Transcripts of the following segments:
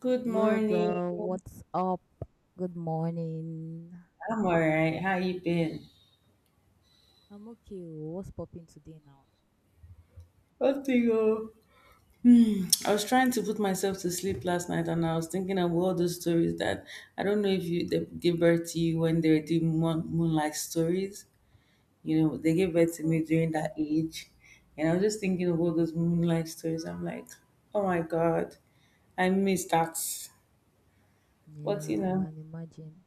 Good Yo, morning. girl, what's up? Good morning. I'm all right. How you been? I'm okay. Oh. What's popping today now? Nothing. Oh. I was trying to put myself to sleep last night, and I was thinking of all those stories that I don't know if you they gave birth to you when they were doing moonlight stories. You know, they gave Of birth to me course. during that age, and I was just thinking of all Wow. those moonlight stories. I'm like, oh my God, I miss that. But you Yeah, I know. can imagine.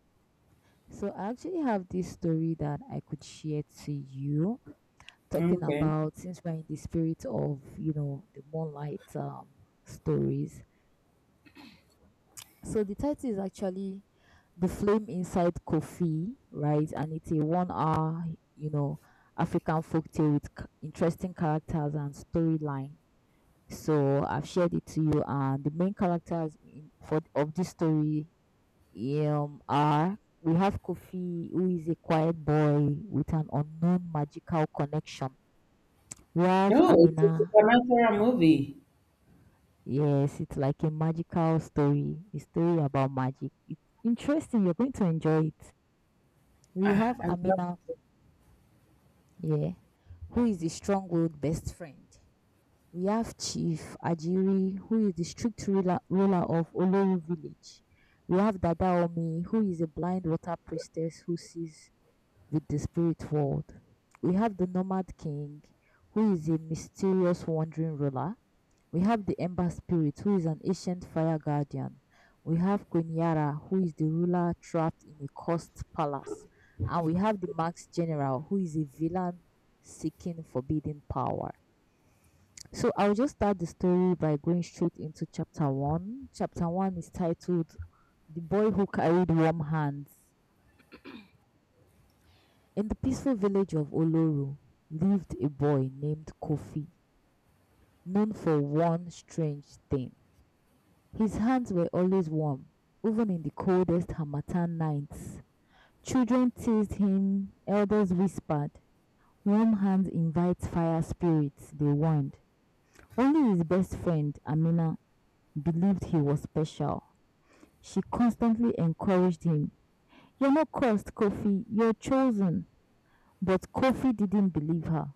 So, I actually have this story that I could share to you, talking Okay. about since we're in the spirit of, the moonlight stories. So the title is actually The Flame Inside Kofi," right? And it's a 1 hour, you know, African folktale with interesting characters and storyline. So I've shared it to you, and the main characters for of this story are we have Kofi, who is a quiet boy with an unknown magical connection. We have No, it's a Amina. supernatural movie. Yes, it's like a magical story, a story about magic. It's interesting. You're going to enjoy it. We I, have I love. Amina here, who is the strong willed best friend. We have Chief Ajiri, who is the strict ruler of Oloru village. We have Dadaomi, who is a blind water priestess who sees with the spirit world. We have the Nomad King, who is a mysterious wandering ruler. We have the Ember Spirit, who is an ancient fire guardian. We have Queen Yara, who is the ruler trapped in a cursed palace. And we have the Max General, who is a villain seeking forbidden power. So I'll just start the story by going straight into chapter 1. Chapter 1 is titled The Boy Who Carried Warm Hands. In the peaceful village of Oloru lived a boy named Kofi, known for one strange thing. His hands were always warm, even in the coldest Harmattan nights. Children teased him, elders whispered. Warm hands invite fire spirits, they warned. Only his best friend, Amina, believed he was special. She constantly encouraged him. You're not cursed, Kofi, you're chosen. But Kofi didn't believe her,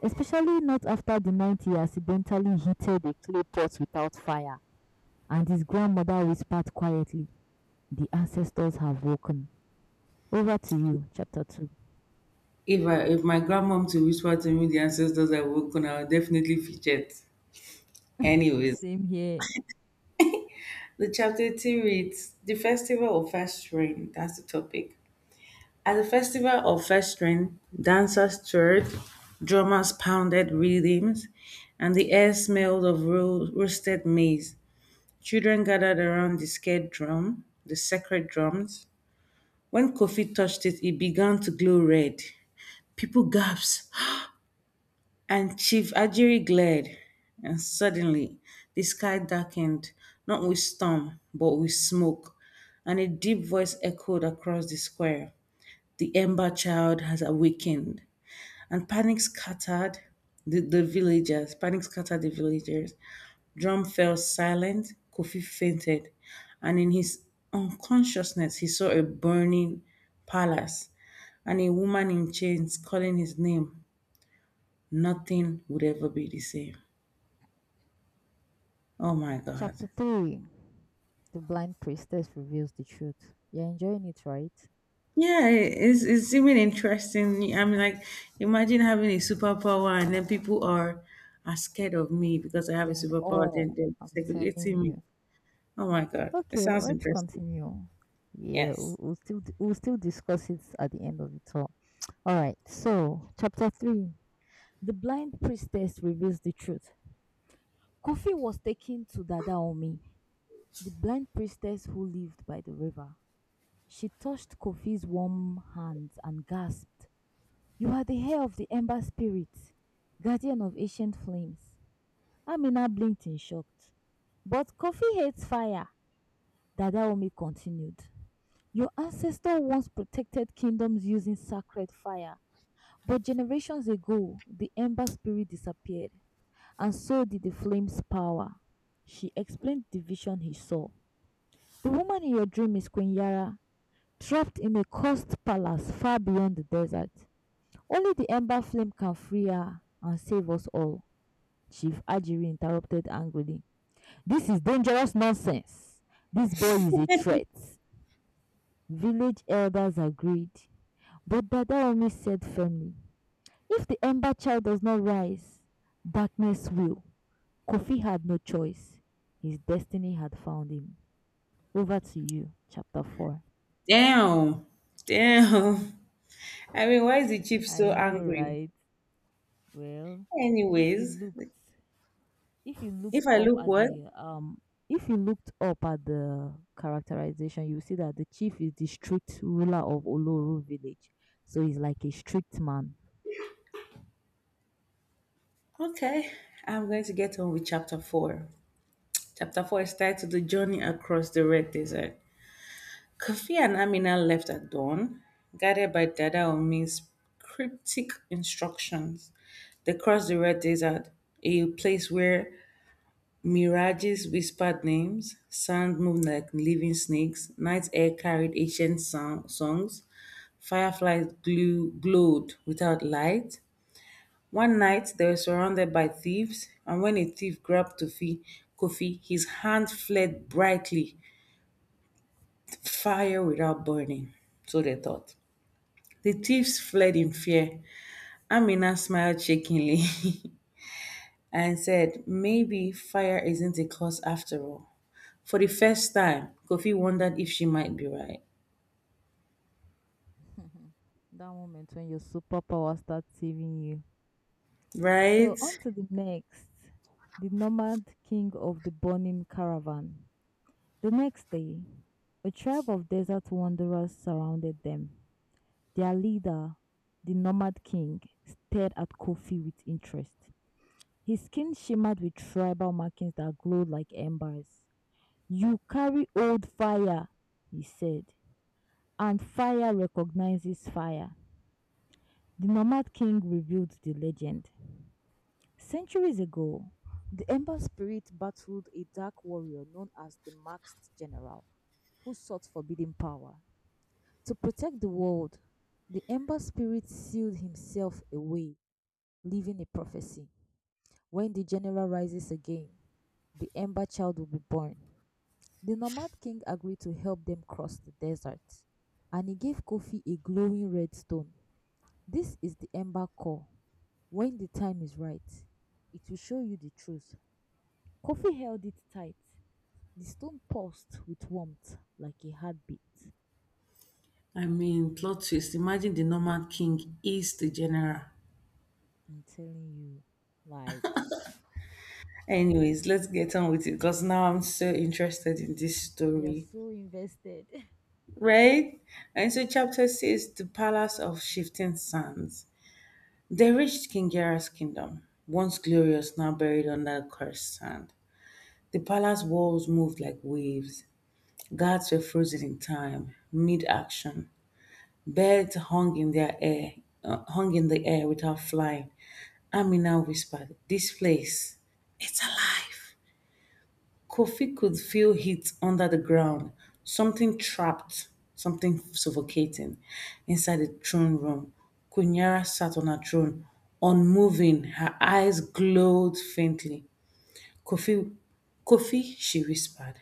especially not after the night he accidentally heated a clay pot without fire, and his grandmother whispered quietly, The ancestors have woken. Over to you, chapter 2. If my grandmom to whisper to me the ancestors are on, I'll definitely fidget. Anyways, Same here. the chapter two reads The Festival of First Rain. That's the topic. At the Festival of First Rain, dancers stirred, drummers pounded rhythms, and the air smelled of roasted maize. Children gathered around the sacred drums. When Kofi touched it, it began to glow red. People gasped. And Chief Ajiri glared, and suddenly the sky darkened, not with storm, but with smoke, and a deep voice echoed across the square. The Ember Child has awakened. And panic scattered the villagers. Panic scattered the villagers. Drum fell silent. Kofi fainted. And in his unconsciousness, he saw a burning palace and a woman in chains calling his name. Nothing would ever be the same. Oh my God. Chapter 3, The blind priestess reveals the truth. You're enjoying it, right? Yeah, it's even interesting. I mean, like, imagine having a superpower and then people are scared of me because I have a You're in superpower, awe, then they're I'm telling segregating me. you. Oh my God. It Okay, sounds let's interesting. continue. Yeah, we'll, Yes. we'll still we'll still discuss it at the end of it all. All right. So, chapter 3, The blind priestess reveals the truth. Kofi was taken to Dadaomi, the blind priestess who lived by the river. She touched Kofi's warm hands and gasped, You are the hair of the Ember Spirit, guardian of ancient flames. Amina blinked in shock. But Kofi hates fire, Dadaomi continued. Your ancestor once protected kingdoms using sacred fire, but generations ago, the Ember Spirit disappeared, and so did the flame's power. She explained the vision he saw. The woman in your dream is Queen Yara, trapped in a cursed palace far beyond the desert, only the ember flame can free her and save us all, Chief Ajiri interrupted angrily. This is dangerous nonsense. This boy is a threat. Village elders agreed, but Dadaomi said firmly, If the ember child does not rise, darkness will. Kofi had no choice. His destiny had found him. Over to you, chapter 4. Damn. Damn. I mean, why is the chief I so know, angry? right? Well, if you Anyways, looked if you looked if I up look at what? the if you looked up at the characterization, you see that the chief is the strict ruler of Oloru village, so he's like a strict man. Okay, I'm going to get on with chapter four. Chapter four is titled The Journey Across the Red Desert. Kofi and Amina left at dawn, guided by Dada Omi's cryptic instructions. They crossed the Red Desert, a place where mirages whispered names, sand moved like living snakes, night air carried ancient songs, fireflies glowed without light. One night, they were surrounded by thieves, and when a thief grabbed Kofi, Kofi, his hand fled brightly, fire without burning. So they thought. The thieves fled in fear. Amina smiled shakingly and said, "Maybe fire isn't a cause after all." For the first time, Kofi wondered if she might be right. That moment when your superpower starts saving you. So Right? on to the next, the Nomad King of the burning caravan. The next day, a tribe of desert wanderers surrounded them, their leader, the Nomad King, stared at Kofi with interest. His skin shimmered with tribal markings that glowed like embers. You carry old fire, he said, and fire recognizes fire. The Nomad King revealed the legend. Centuries ago, the Ember Spirit battled a dark warrior known as the Masked General, who sought forbidden power. To protect the world, the Ember Spirit sealed himself away, leaving a prophecy. When the general rises again, the Ember Child will be born. The Nomad king agreed to help them cross the desert, and he gave Kofi a glowing red stone. This is the Ember Core. When the time is right, it will show you the truth. Kofi held it tight. The stone pulsed with warmth like a heartbeat. I mean, plot twist. Imagine the Norman king is the general. I'm telling you, like, Anyways, let's get on with it because now I'm so interested in this you are story. so invested. Right? And so, chapter 6 The Palace of Shifting Sands. They reached King Jairus' kingdom, once glorious, now buried under cursed sand. The palace walls moved like waves. Guards were frozen in time, mid action. Birds hung in their air, hung in the air without flying. Amina whispered, "This place, it's alive." Kofi could feel heat under the ground, something trapped, something suffocating inside the throne room. Kunyara sat on her throne, unmoving, her eyes glowed faintly. Kofi, Kofi, she whispered,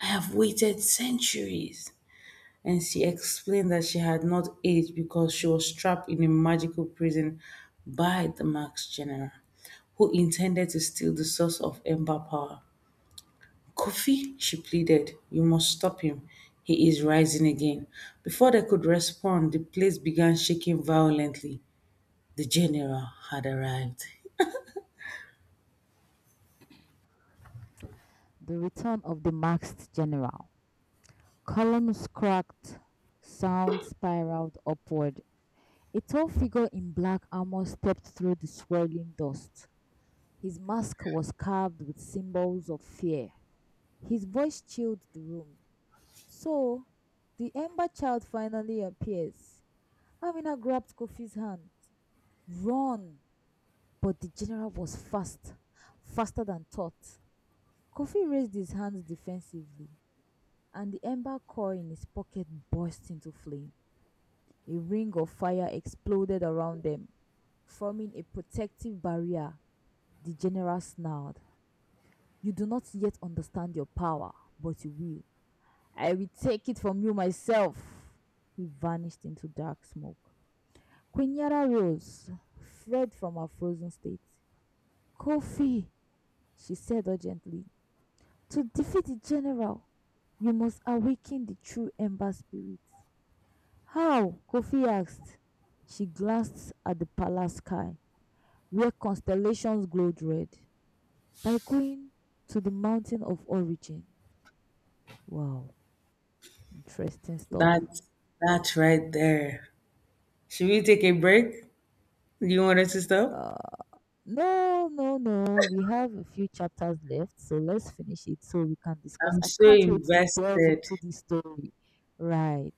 "I have waited centuries." And she explained that she had not aged because she was trapped in a magical prison by the Max General, who intended to steal the source of Ember power. "Kofi," she pleaded, "you must stop him. He is rising again." Before they could respond, the place began shaking violently. The general had arrived. The return of the masked general. Columns cracked, sound spiraled upward. A tall figure in black armor stepped through the swirling dust. His mask was carved with symbols of fear. His voice chilled the room. So, the Ember Child finally appears. Amina grabbed Kofi's hand. Run! But the general was fast, faster than thought. Kofi raised his hands defensively, and the ember core in his pocket burst into flame. A ring of fire exploded around them, forming a protective barrier. The general snarled. You do not yet understand your power, but you will. I will take it from you myself. He vanished into dark smoke. Queen Yara rose, fled from her frozen state. Kofi, she said urgently, to defeat the general, you must awaken the true Ember Spirit. How? Kofi asked. She glanced at the palace sky, where constellations glowed red. By going to the mountain of origin. Wow, interesting stuff. That, that right there. Should we take a break? Do you want us to stop? Uh, no, no, no. We have a few chapters left, so let's finish it so we can discuss. I'm I so can't wait to delve invested. into this story. Right.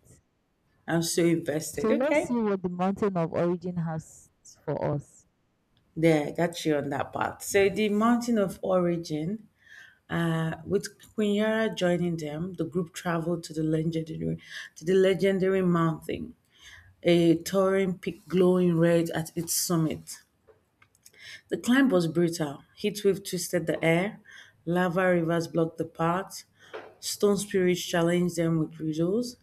I'm so invested. So let's see Okay. what the mountain of origin has for us. There, got you on that part. So the mountain of origin, with Kunyara joining them, the group traveled to the legendary mountain. A towering peak glowing red at its summit. The climb was brutal. Heatwave twisted the air, lava rivers blocked the path, stone spirits challenged them with riddles.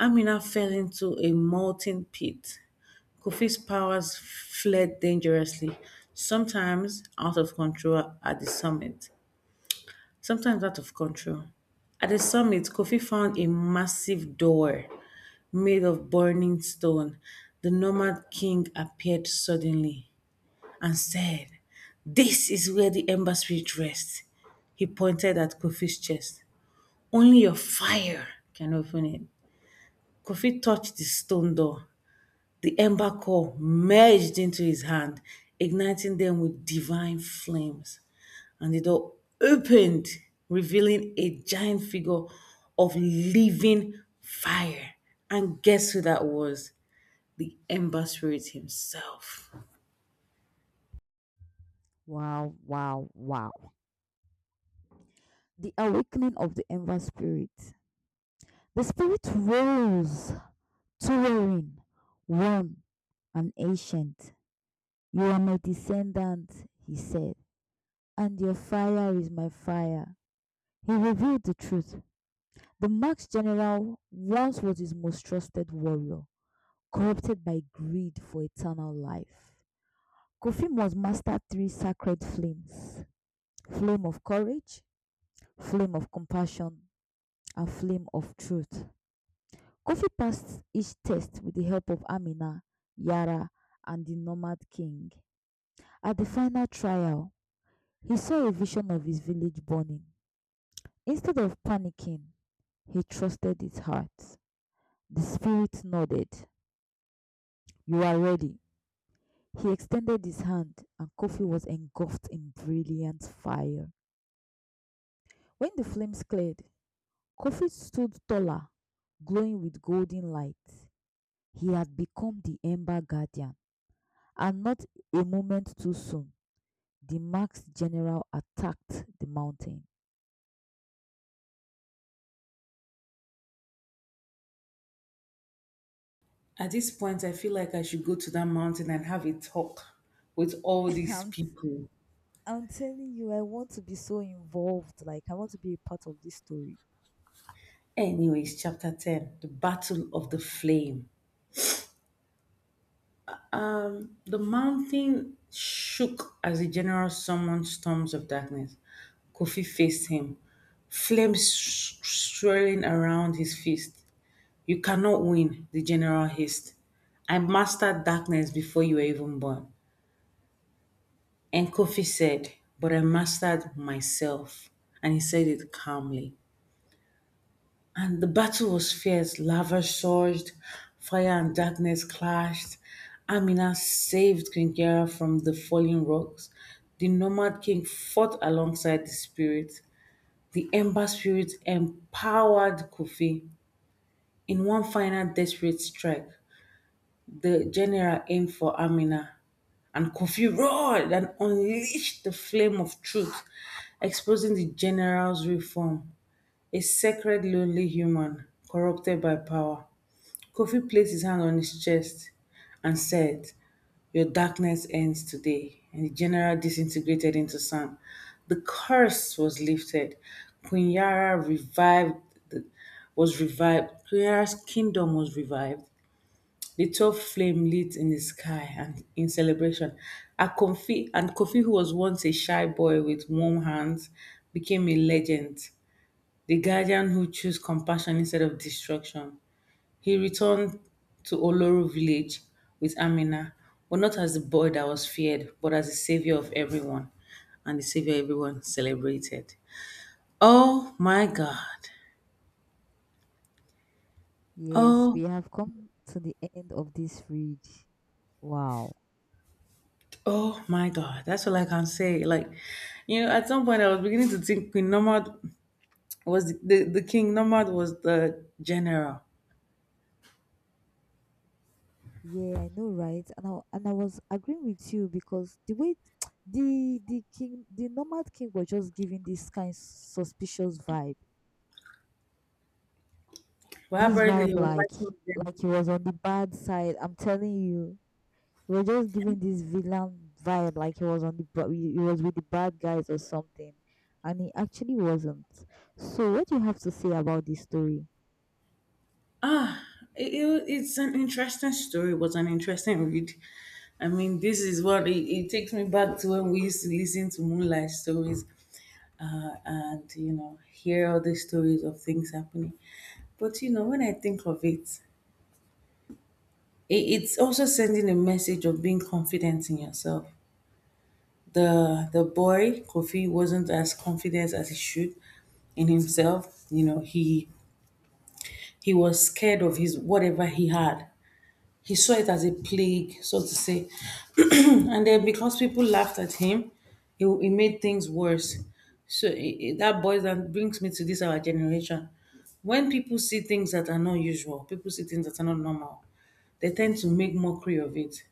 Amina fell into a molten pit. Kofi's powers fled dangerously, sometimes out of control at the summit, sometimes out of control. At the summit, Kofi found a massive door made of burning stone. The Nomad king appeared suddenly and said, "This is where the Ember Spirit rests." He pointed at Kofi's chest. "Only your fire can open it." Kofi touched the stone door. The Ember core merged into his hand, igniting them with divine flames. And the door opened, revealing a giant figure of living fire. And guess who that was? The Ember Spirit himself. Wow, wow, wow. The awakening of the Ember Spirit. The spirit rose, towering, one and ancient. You are my descendant, he said, and your fire is my fire. He revealed the truth. The Max general once was his most trusted warrior, corrupted by greed for eternal life. Kofi must master three sacred flames: flame of courage, flame of compassion, and flame of truth. Kofi passed each test with the help of Amina, Yara, and the Nomad King. At the final trial, he saw a vision of his village burning. Instead of panicking, he trusted his heart. The spirit nodded. You are ready. He extended his hand, and Kofi was engulfed in brilliant fire. When the flames cleared, Kofi stood taller, glowing with golden light. He had become the Ember Guardian, and not a moment too soon, the Max General attacked the mountain. At this point, I feel like I should go to that mountain and have a talk with all these I'm, t- people. I'm telling you, I want to be so involved. Like, I want to be a part of this story. Anyways, chapter 10 The Battle of the Flame. The mountain shook as the general summoned storms of darkness. Kofi faced him, flames swirling around his fist. "You cannot win," the general hissed. "I mastered darkness before you were even born." And Kofi said, "But I mastered myself." And he said it calmly. And the battle was fierce. Lava surged, fire and darkness clashed. Amina saved Queen Kiara from the falling rocks. The Nomad King fought alongside the spirit. The Ember Spirit empowered Kofi in one final desperate strike. The general aimed for Amina, and Kofi roared and unleashed the flame of truth, exposing the general's reform, a sacred, lonely human corrupted by power. Kofi placed his hand on his chest and said, "Your darkness ends today." And the general disintegrated into sand. The curse was lifted. Queen Yara revived was revived. Queen Yara's kingdom was revived. The 12 flame lit in the sky and in celebration. And Kofi, who was once a shy boy with warm hands, became a legend, the guardian who chose compassion instead of destruction. He returned to Oloru village with Amina, but not as the boy that was feared, but as the savior of everyone, and the savior everyone celebrated. Oh my God! Yes, we Oh have come to the end of this read. Wow. Oh my God, that's all I can say. Like, at some point I was beginning to think Queen Nomad was the king. Nomad was the general. Yeah, I know, right? And I was agreeing with you, because the way the king, the Nomad King, was just giving this kind suspicious vibe. But This apparently he vibe, was like fighting with like them. he was on the bad side. I'm telling you, we were just giving this villain vibe, like he was on the he was with the bad guys or something, and he actually wasn't. So, what do you have to say about this story? It's an interesting story, it was an interesting read. I mean, this is what it takes me back to when we used to listen to Moonlight stories, and, hear all the stories of things happening. But, when I think of it, it's also sending a message of being confident in yourself. The boy Kofi wasn't as confident as he should in himself. You know, he was scared of his whatever he had. He saw it as a plague, so to say. And then because people laughed at him, it made things worse. So that brings me to this our generation. When people see things that are not usual, people see things that are not normal, they tend to make mockery of it.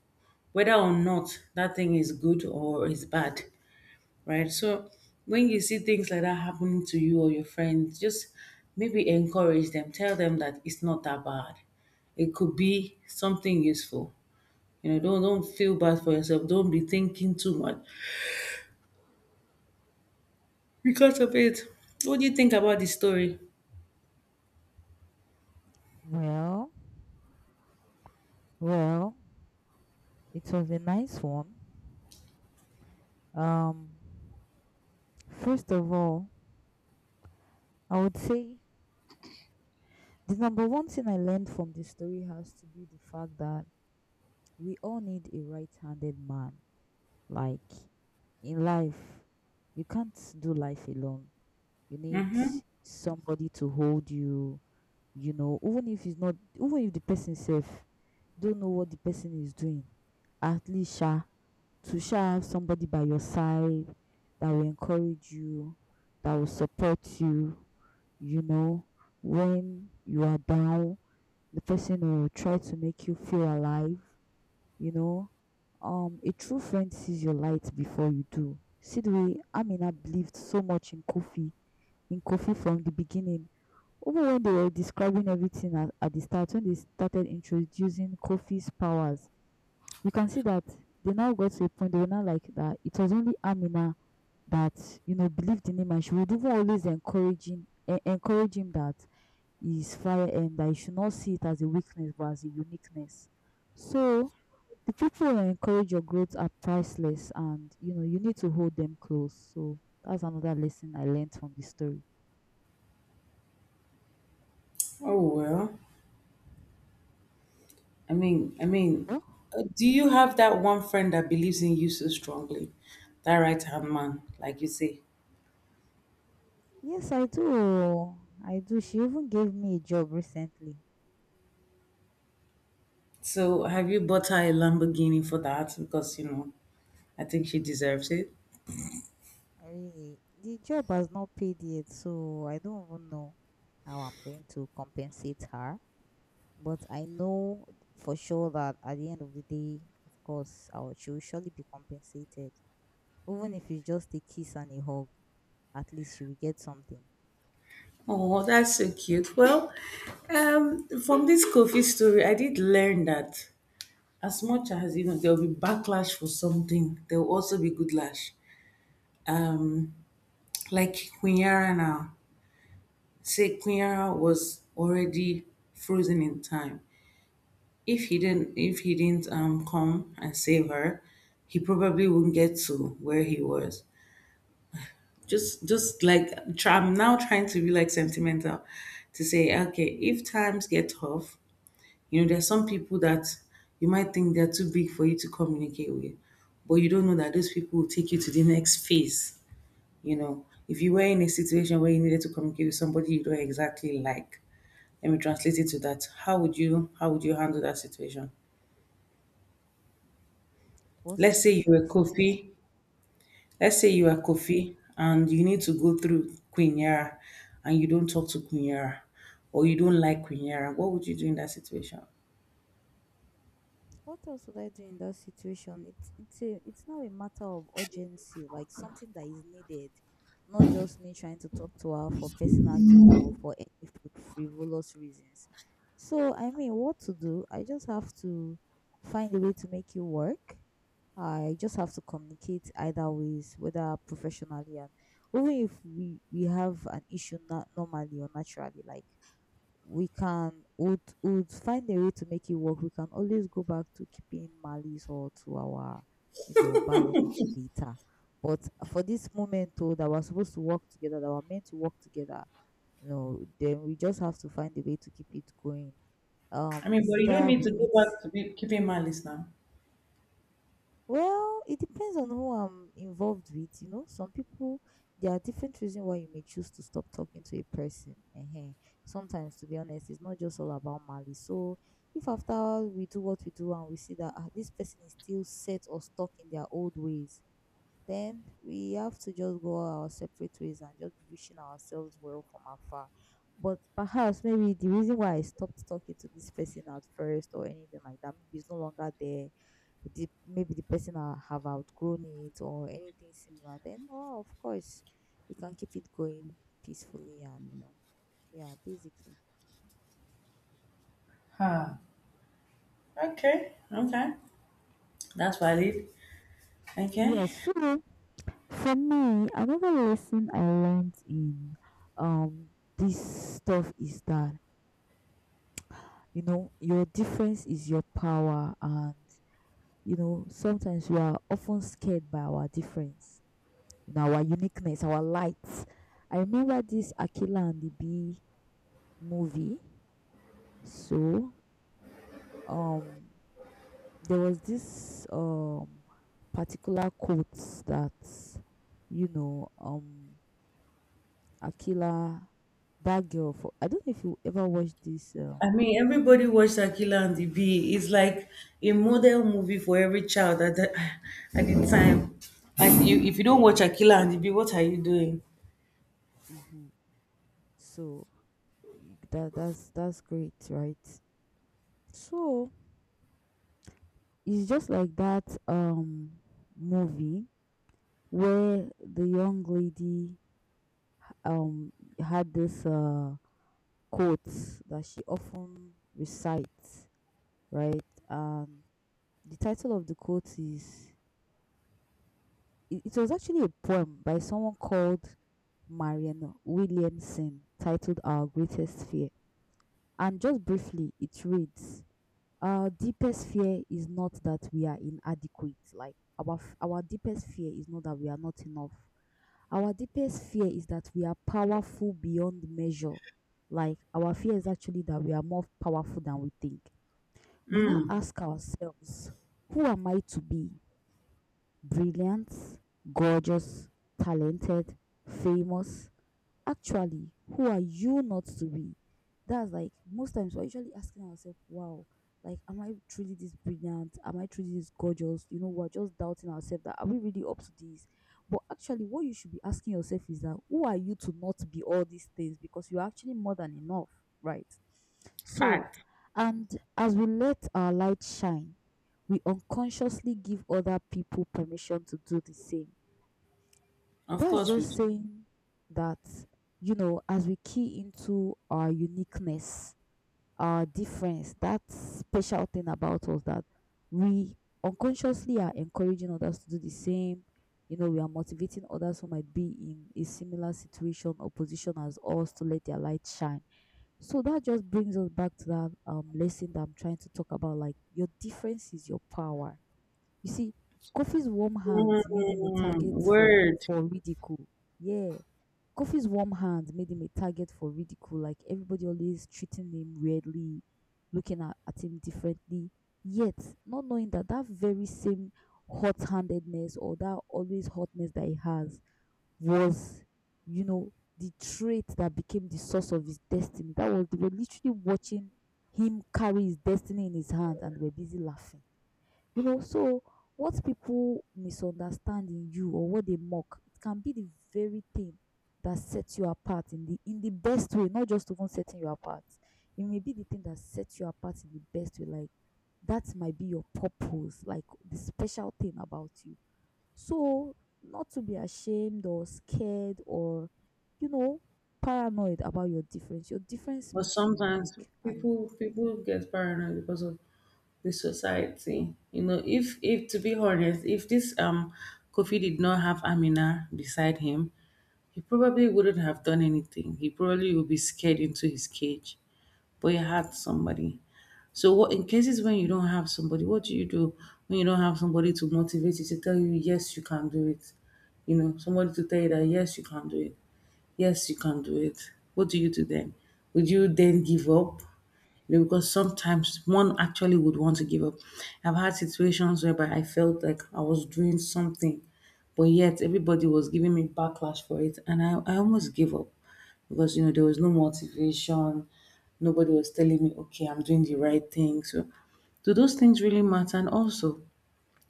Whether or not that thing is good or is bad, right? So when you see things like that happening to you or your friends, just maybe encourage them. Tell them that it's not that bad. It could be something useful. You know, don't feel bad for yourself. Don't be thinking too much because of it. What do you think about this story? Well, well. It was a nice one. Um, First of all, I would say the number one thing I learned from this story has to be the fact that we all need a right handed man. Like, in life, you can't do life alone. You need somebody to hold even if it's not even if the person self don't know what the person is doing, at least sha have somebody by your side that will encourage you, that will support you know, when you are down, the person will try to make you feel alive, you know. A true friend sees your light before you do. See the way Amina believed so much in Kofi, from the beginning. Even when they were describing everything at the start, when they started introducing Kofi's powers, you can see that they now got to a point they were now like that it was only Amina that believed in him, and she would even always encourage him that he's fire and that he should not see it as a weakness but as a uniqueness. So the people who encourage your growth are priceless, and you know you need to hold them close. So that's another lesson I learned from the story. Oh well, I mean, I mean, Oh, do you have that one friend that believes in you so strongly, that right hand man, like you say? yes, I do. I do. She even gave me a job recently. So have you bought her a Lamborghini for that? Because I think she deserves it. Really, the job has not paid yet, so I don't even know how I'm going to compensate her. But I know for sure that at the end of the day, of course, she will surely be compensated. Even if it's just a kiss and a hug, at least she will get something. Oh, that's so cute. Well, from this coffee story, I did learn that as much as there'll be backlash for something, there'll also be good lash. Like Queen now, say Queen was already frozen in time. If he didn't come and save her, he probably wouldn't get to where he was. Just like try, I'm now trying to be like sentimental to say, okay, if times get tough, you know, there are some people that you might think they're too big for you to communicate with, but you don't know that those people will take you to the next phase. You know, if you were in a situation where you needed to communicate with somebody you don't exactly like, let me translate it to that. How would you handle that situation? What Let's say you situation were is situation? Kofi. Let's say you are Okay. Kofi and you need to go through Queen Yara and you don't talk to Queen Yara or you don't like Queen Yara. What would you do in that situation? What else would I do in that situation? It's now a matter of urgency, like something that is needed, not just me trying to talk to her for personal gain or for any frivolous reasons. So I mean, what to do? I just have to find a way to make it work. I just have to communicate either ways, whether professionally and even if we have an issue not normally or naturally, like we can would find a way to make it work. We can always go back to keeping malice or to our, bad energy later. But for this moment though that we're supposed to work together, that we're meant to work together, then we just have to find a way to keep it going. I mean, It's but you don't either need we to go meet back to be keeping malice now. Well, it depends on who I'm involved with. You know, some people, there are different reasons why you may choose to stop talking to a person. Sometimes, to be honest, it's not just all about malice. So, if after we do what we do and we see that this person is still set or stuck in their old ways, then we have to just go our separate ways and just be wishing ourselves well from afar. But perhaps maybe the reason why I stopped talking to this person at first or anything like that, maybe it's no longer there. Maybe the person, I have outgrown it or anything similar. Then, oh, of course, we can keep it going peacefully and yeah, basically. Okay, okay. That's valid. Yeah, Okay. so for me, another lesson I learned in um this stuff is that you know your difference is your power, and you know sometimes we are often scared by our difference, you know, our uniqueness, our lights. I remember this Aquila and the Bee movie. So um there was this particular quote that, you know um Aquila, that girl, for I don't know if you ever watched this I mean, everybody watched Akila and the Bee. It's like a model movie for every child at at the time. And you, if you don't watch Akila and the Bee, what are you doing? hmm. So that, that's great, right? So it's just like that movie where the young lady um had this quote that she often recites, right? Um the title of the quote is, it was actually a poem by someone called Marianne Williamson titled Our Greatest Fear. And just briefly it reads: our deepest fear is not that we are inadequate. Like our our deepest fear is not that we are not enough. Our deepest fear is that we are powerful beyond measure. Like our fear is actually that we are more powerful than we think. We now ask ourselves, who am I to be? Brilliant, gorgeous, talented, famous. Actually, who are you not to be? That's like most times we're usually asking ourselves, wow, like, am I truly this brilliant? Am I truly this gorgeous? You know, we're just doubting ourselves that are we really up to this? But actually, what you should be asking yourself is that who are you to not be all these things? Because you're actually more than enough, right? So, Fact. and as we let our light shine, we unconsciously give other people permission to do the same. Of That's course, we. just saying that, you know, as we key into our uniqueness, our difference, that special thing about us, that we unconsciously are encouraging others to do the same. You know, we are motivating others who might be in a similar situation or position as us to let their light shine. So that just brings us back to that lesson that I'm trying to talk about. Like your difference is your power, you see. Kofi's warm hands made him a Mm, target word. for ridicule. Yeah. Kofi's warm hands made him a target for ridicule, like everybody always treating him weirdly, looking at him differently, yet not knowing that that very same hot handedness or that always hotness that he has was, you know, the trait that became the source of his destiny. That was, they were literally watching him carry his destiny in his hand and they were busy laughing, you know. So what people misunderstand in you or what they mock, it can be the very thing that sets you apart in the best way, not just even setting you apart. It may be the thing that sets you apart in the best way, like that might be your purpose, like the special thing about you. So, not to be ashamed or scared or, you know, paranoid about your difference. Your difference But makes you sometimes unique. And people get paranoid because of the society. You know, if to be honest, if this Kofi did not have Amina beside him, he probably wouldn't have done anything. He probably would be scared into his cage, but he had somebody. So, what in cases when you don't have somebody, what do you do when you don't have somebody to motivate you to tell you, yes, you can do it? You know, somebody to tell you that, yes, you can do it. Yes, you can do it. What do you do then? Would you then give up? You know, because sometimes one actually would want to give up. I've had situations whereby I felt like I was doing something, but yet everybody was giving me backlash for it, and I almost gave up because there was no motivation. Nobody was telling me, okay, I'm doing the right thing. So, do those things really matter? And also,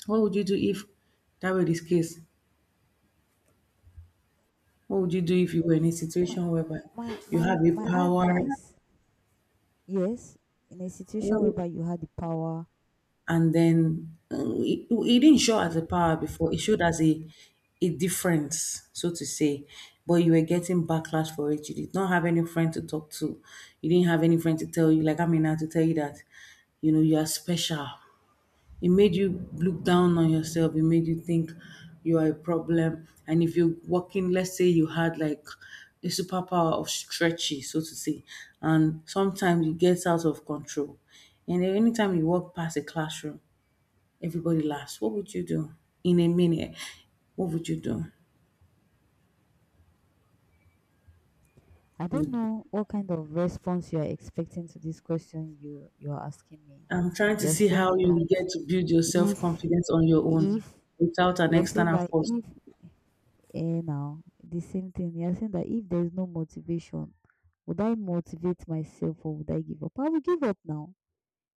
what would you do if that were this case? What would you do if you were in a me, my, situation whereby you have a my power? advice, yes, in a situation Well, whereby you had the power, and then it didn't show as a power before it showed as a difference, so to say, but you were getting backlash for it. You did not have any friend to talk to. You didn't have any friend to tell you, like, I mean, now to tell you that, you know, you are special. It made you look down on yourself. It made you think you are a problem. And if you're working, let's say you had like a superpower of stretchy, so to say, and sometimes it gets out of control, and then anytime you walk past a classroom, everybody laughs. What would you do in a minute? What would you do? I don't Would, know what kind of response you are expecting to this question you are asking me. I'm trying to You're see how saying you that will get to build your self if confidence on your own if without an you're saying external that force if now the same thing. You're saying that if there is no motivation, would I motivate myself or would I give up? I will give up now.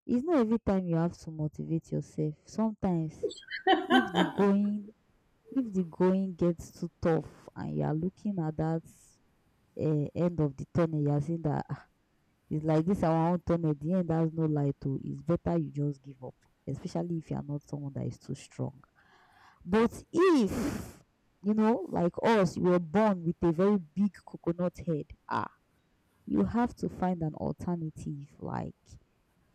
It's not every time you have to motivate yourself. Sometimes if the going if the going gets too tough and you are looking at that end of the tunnel, you are seeing that it's like this our own tunnel, the end has no light oo, it's better you just give up, especially if you are not someone that is too strong. But if, you know, like us, you were born with a very big coconut head, ah, you have to find an alternative. Like,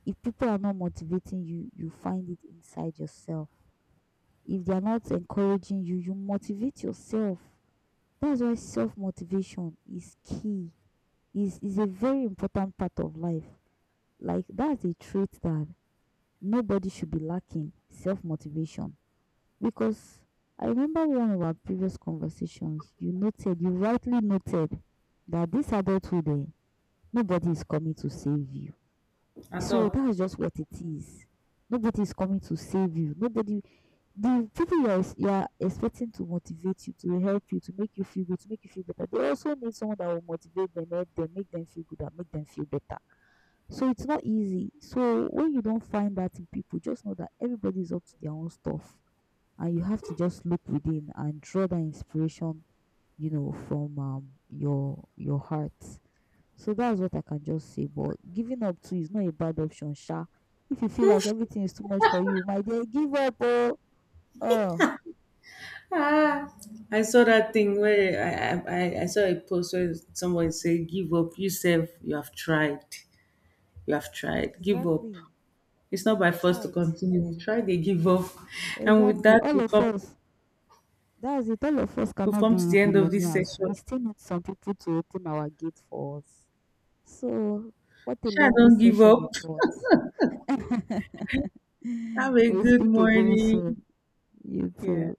if people are not motivating you, find it inside yourself. If they are not encouraging you, motivate yourself. That's why self motivation is key. Is a very important part of life. Like that's a trait that nobody should be lacking, self-motivation. Because I remember one of our previous conversations, you rightly noted that this adulthood, eh, nobody is coming to save you. at So all. that's just what it is. Nobody is coming to save you. Nobody, the people you are expecting to motivate you, to help you, to make you feel good, to make you feel better, they also need someone that will motivate them, help them, make them feel good and make them feel better. So it's not easy. So when you don't find that in people, just know that everybody is up to their own stuff, and you have to just look within and draw that inspiration, you know, from your heart. So that's what I can just say. But giving up too is not a bad option sha. If you feel like everything is too much for you, my dear, give up oh oh. Ah, I saw that thing where I saw a post where someone say, "Give up, you self, you have tried, give up. Exactly. It's not by You've force to tried. continue. You try, they give up, and with Exactly. that, All of us. That's it. All of us we've cannot be come to the end of this billionaires. session. We still need some people to open our gate for us. So, what a Sha, lovely don't give session up. it was. Have a We'll good speak again morning. soon. You Yeah. too.